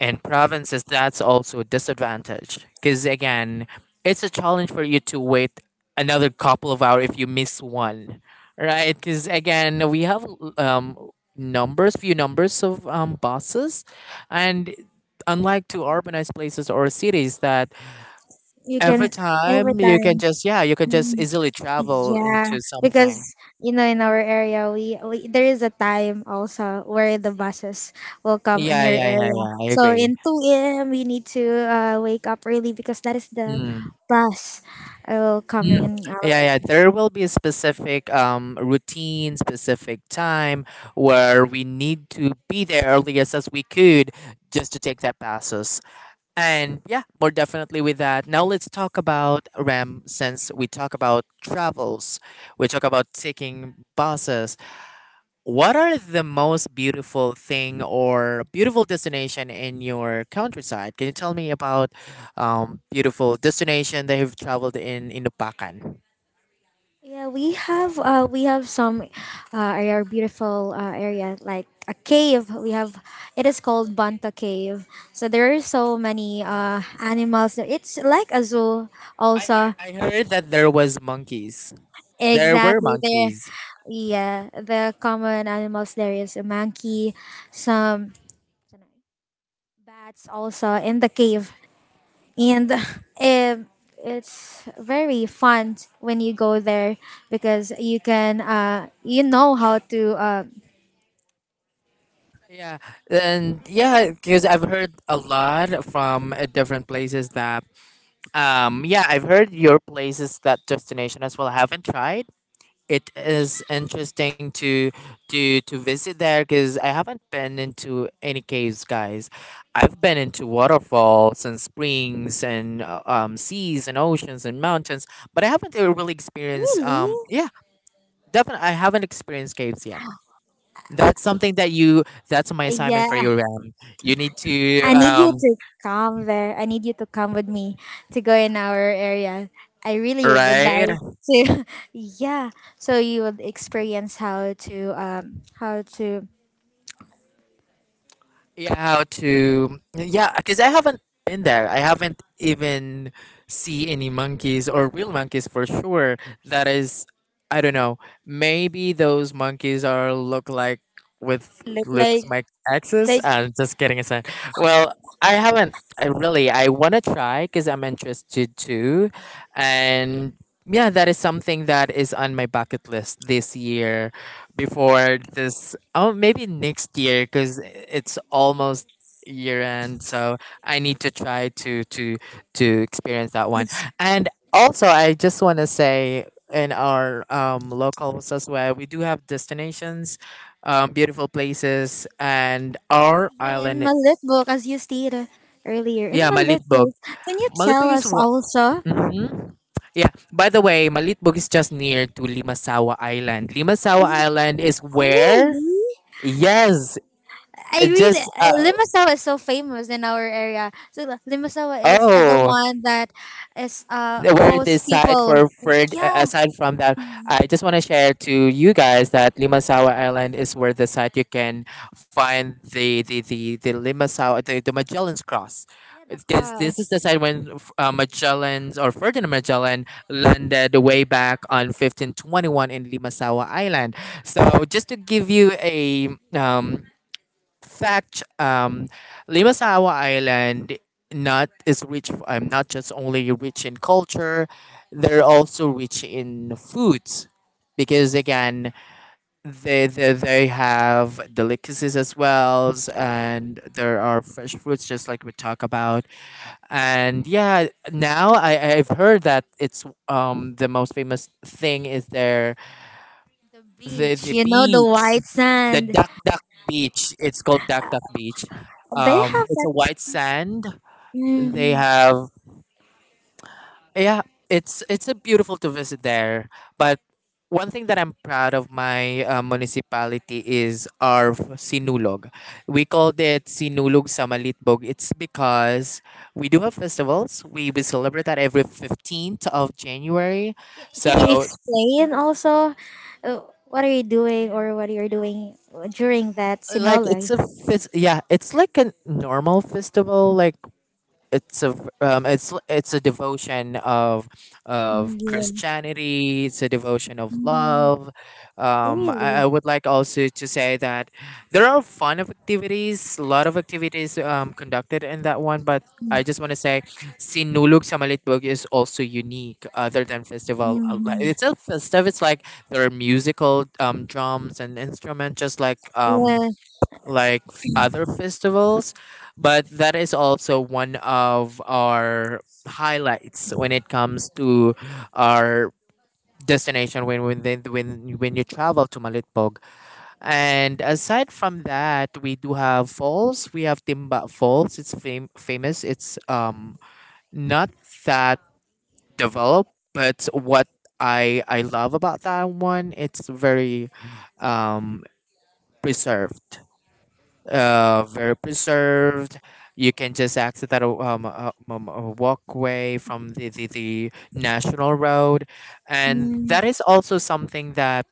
In provinces, that's also a disadvantage, because again, it's a challenge for you to wait another couple of hours if you miss one, right? Because again, we have um numbers, few numbers of buses, and unlike to urbanized places or cities, that you every can every time you can time. just, yeah, you can just Mm. easily travel Yeah, into because something. In our area, we there is a time also where the buses will come in Yeah, your yeah, yeah, area. yeah, I So agree. in 2 a.m. we need to wake up early, because that is the Hmm. bus will coming Mm. in our... Yeah, yeah. There will be a specific routine, specific time where we need to be there earliest as we could, just to take that passes. And yeah, more definitely with that. Now let's talk about, Ram, since we talk about travels, we talk about taking buses, what are the most beautiful thing or beautiful destination in your countryside? Can you tell me about beautiful destination that you've traveled in Upacan? Yeah, we have some our beautiful area, like a cave we have. It is called Banta Cave. So there are so many Oh, animals there. It's like a zoo I heard. also. I heard that there was monkeys. There were Exactly. There, monkeys. yeah, the common animals there is a monkey, some bats also in the cave, and um it's very fun when you go there, because you can, you know how to, Yeah, and yeah, because I've heard a lot from different places that, yeah, I've heard your places, that destination as well. I haven't tried, it is interesting to visit there, because I haven't been into any caves, guys. I've been into waterfalls and springs and seas and oceans and mountains, but I haven't really experienced. Really, Yeah, definitely, I haven't experienced caves yet. That's something that you. That's my yeah, assignment for you, Ram. You need to. I need you to come there. I need you to come with me to go in our area. I really would, right, Right. like to. Yeah. So you would experience how to Yeah, how to, yeah, because I haven't been there. I haven't even see any monkeys or real monkeys for sure. That is, I don't know, maybe those monkeys are look like with look looks like like like exes. I'm just kidding aside. Well, I haven't I really, I want to try because I'm interested too. And yeah, that is something that is on my bucket list this year before this. Oh, maybe next year, because it's almost year end, so I need to try to experience that one. And also I just want to say in our local, as well, we do have destinations, beautiful places and our yeah, in island. Malitbok, as you stated earlier. In, yeah, Yeah, right, Malitbog. Malitbok, can you tell Malitbog is us what? also? hmm yeah. By the way, Malitbog is just near to Limasawa Island. Limasawa Oh, Island is where? really? Yes, I it really just Limasawa is so famous in our area. So Limasawa is the oh, one that is where most this side people. for Yeah. Aside from that, Hmm. I just want to share to you guys that Limasawa Island is where the site you can find the Limasawa, the Magellan's Cross. Yeah, the This is the cross, site when Magellan's or Ferdinand Magellan landed way back on 1521 in Limasawa Island. So just to give you a fact, Limasawa Island not is rich. I'm not just only rich in culture; they're also rich in foods, because again, they have delicacies as well, and there are fresh fruits, just like we talk about. And yeah, now I've heard that it's the most famous thing is their the beach, the you know, the beach, white the sand. Duck Duck Beach. It's called Duck Duck Beach. They have It's that. a white sand. They Hmm. have, yeah. It's a beautiful to visit there. But one thing that I'm proud of my municipality is our sinulog. We called it sinulog sa Malitbog. It's because we do have festivals. We celebrate that every 15th of January. Can you So explain also uh, what are you doing or what you're doing during that like sinolay? it's a festival. Like it's a it's a devotion of Yeah. Christianity. It's a devotion of Mm. love. I Really? would like also to say that there are fun of activities, a lot of activities conducted in that one. But I Hmm. just want to say, Sinulog sa Malitbog is also unique other than festival. It's a festive. It's like there are musical drums and instruments, just Yeah. like other festivals, but that is also one of our highlights when it comes to our destination when when you travel to Malitpog. And aside from that, we do have falls. We have Timba Falls. It's famous. It's not that developed, but what I love about that one, it's very um preserved, very preserved. You can just access that walkway from the national road. And Mm. that is also something that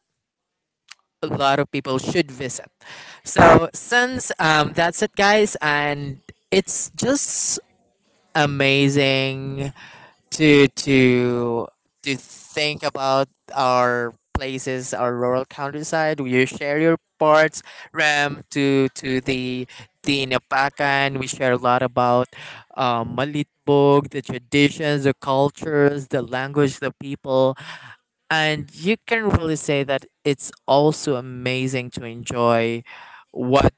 a lot of people should visit. So, since that's it, guys, and it's just amazing to think about our places, our rural countryside. You share your parts, Ram, to the Inapakan. We share a lot about Malitbog, the traditions, the cultures, the language, the people, and you can really say that it's also amazing to enjoy what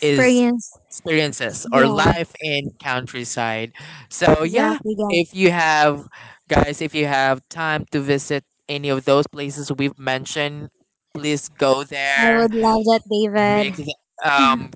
is experiences or Yeah, life in countryside. So yeah, exactly. Yeah. if you have guys, if you have time to visit any of those places we've mentioned, please go I there. would love that, Make David. um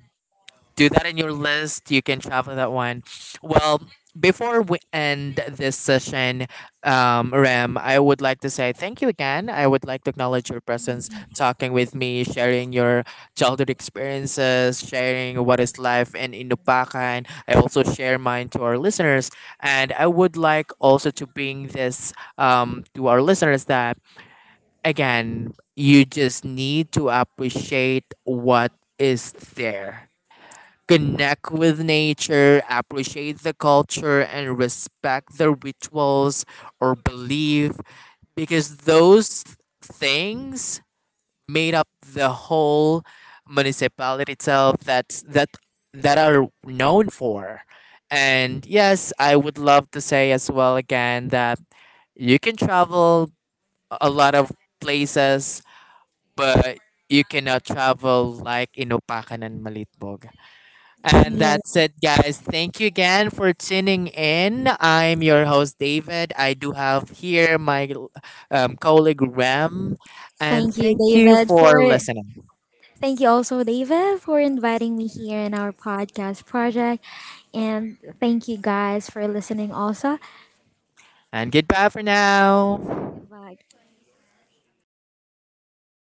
do that in your list. You can travel that one. Well, before we end this session, Ram, I would like to say thank you again. I would like to acknowledge your presence, talking with me, sharing your childhood experiences, sharing what is life in Inupakan. I also share mine to our listeners. And I would like also to bring this to our listeners that, again, you just need to appreciate what is there, connect with nature, appreciate the culture, and respect the rituals or belief, because those things made up the whole municipality itself that that are known for. And yes, I would love to say as well again that you can travel a lot of places, but you cannot travel like Inupakan and Malitbog. And that's Yes, it, guys. Thank you again for tuning in. I'm your host, David. I do have here my colleague, Rem. And thank you, thank you David, for for listening. thank you also, David, for inviting me here in our podcast project. And thank you guys for listening also. And goodbye for now. Goodbye.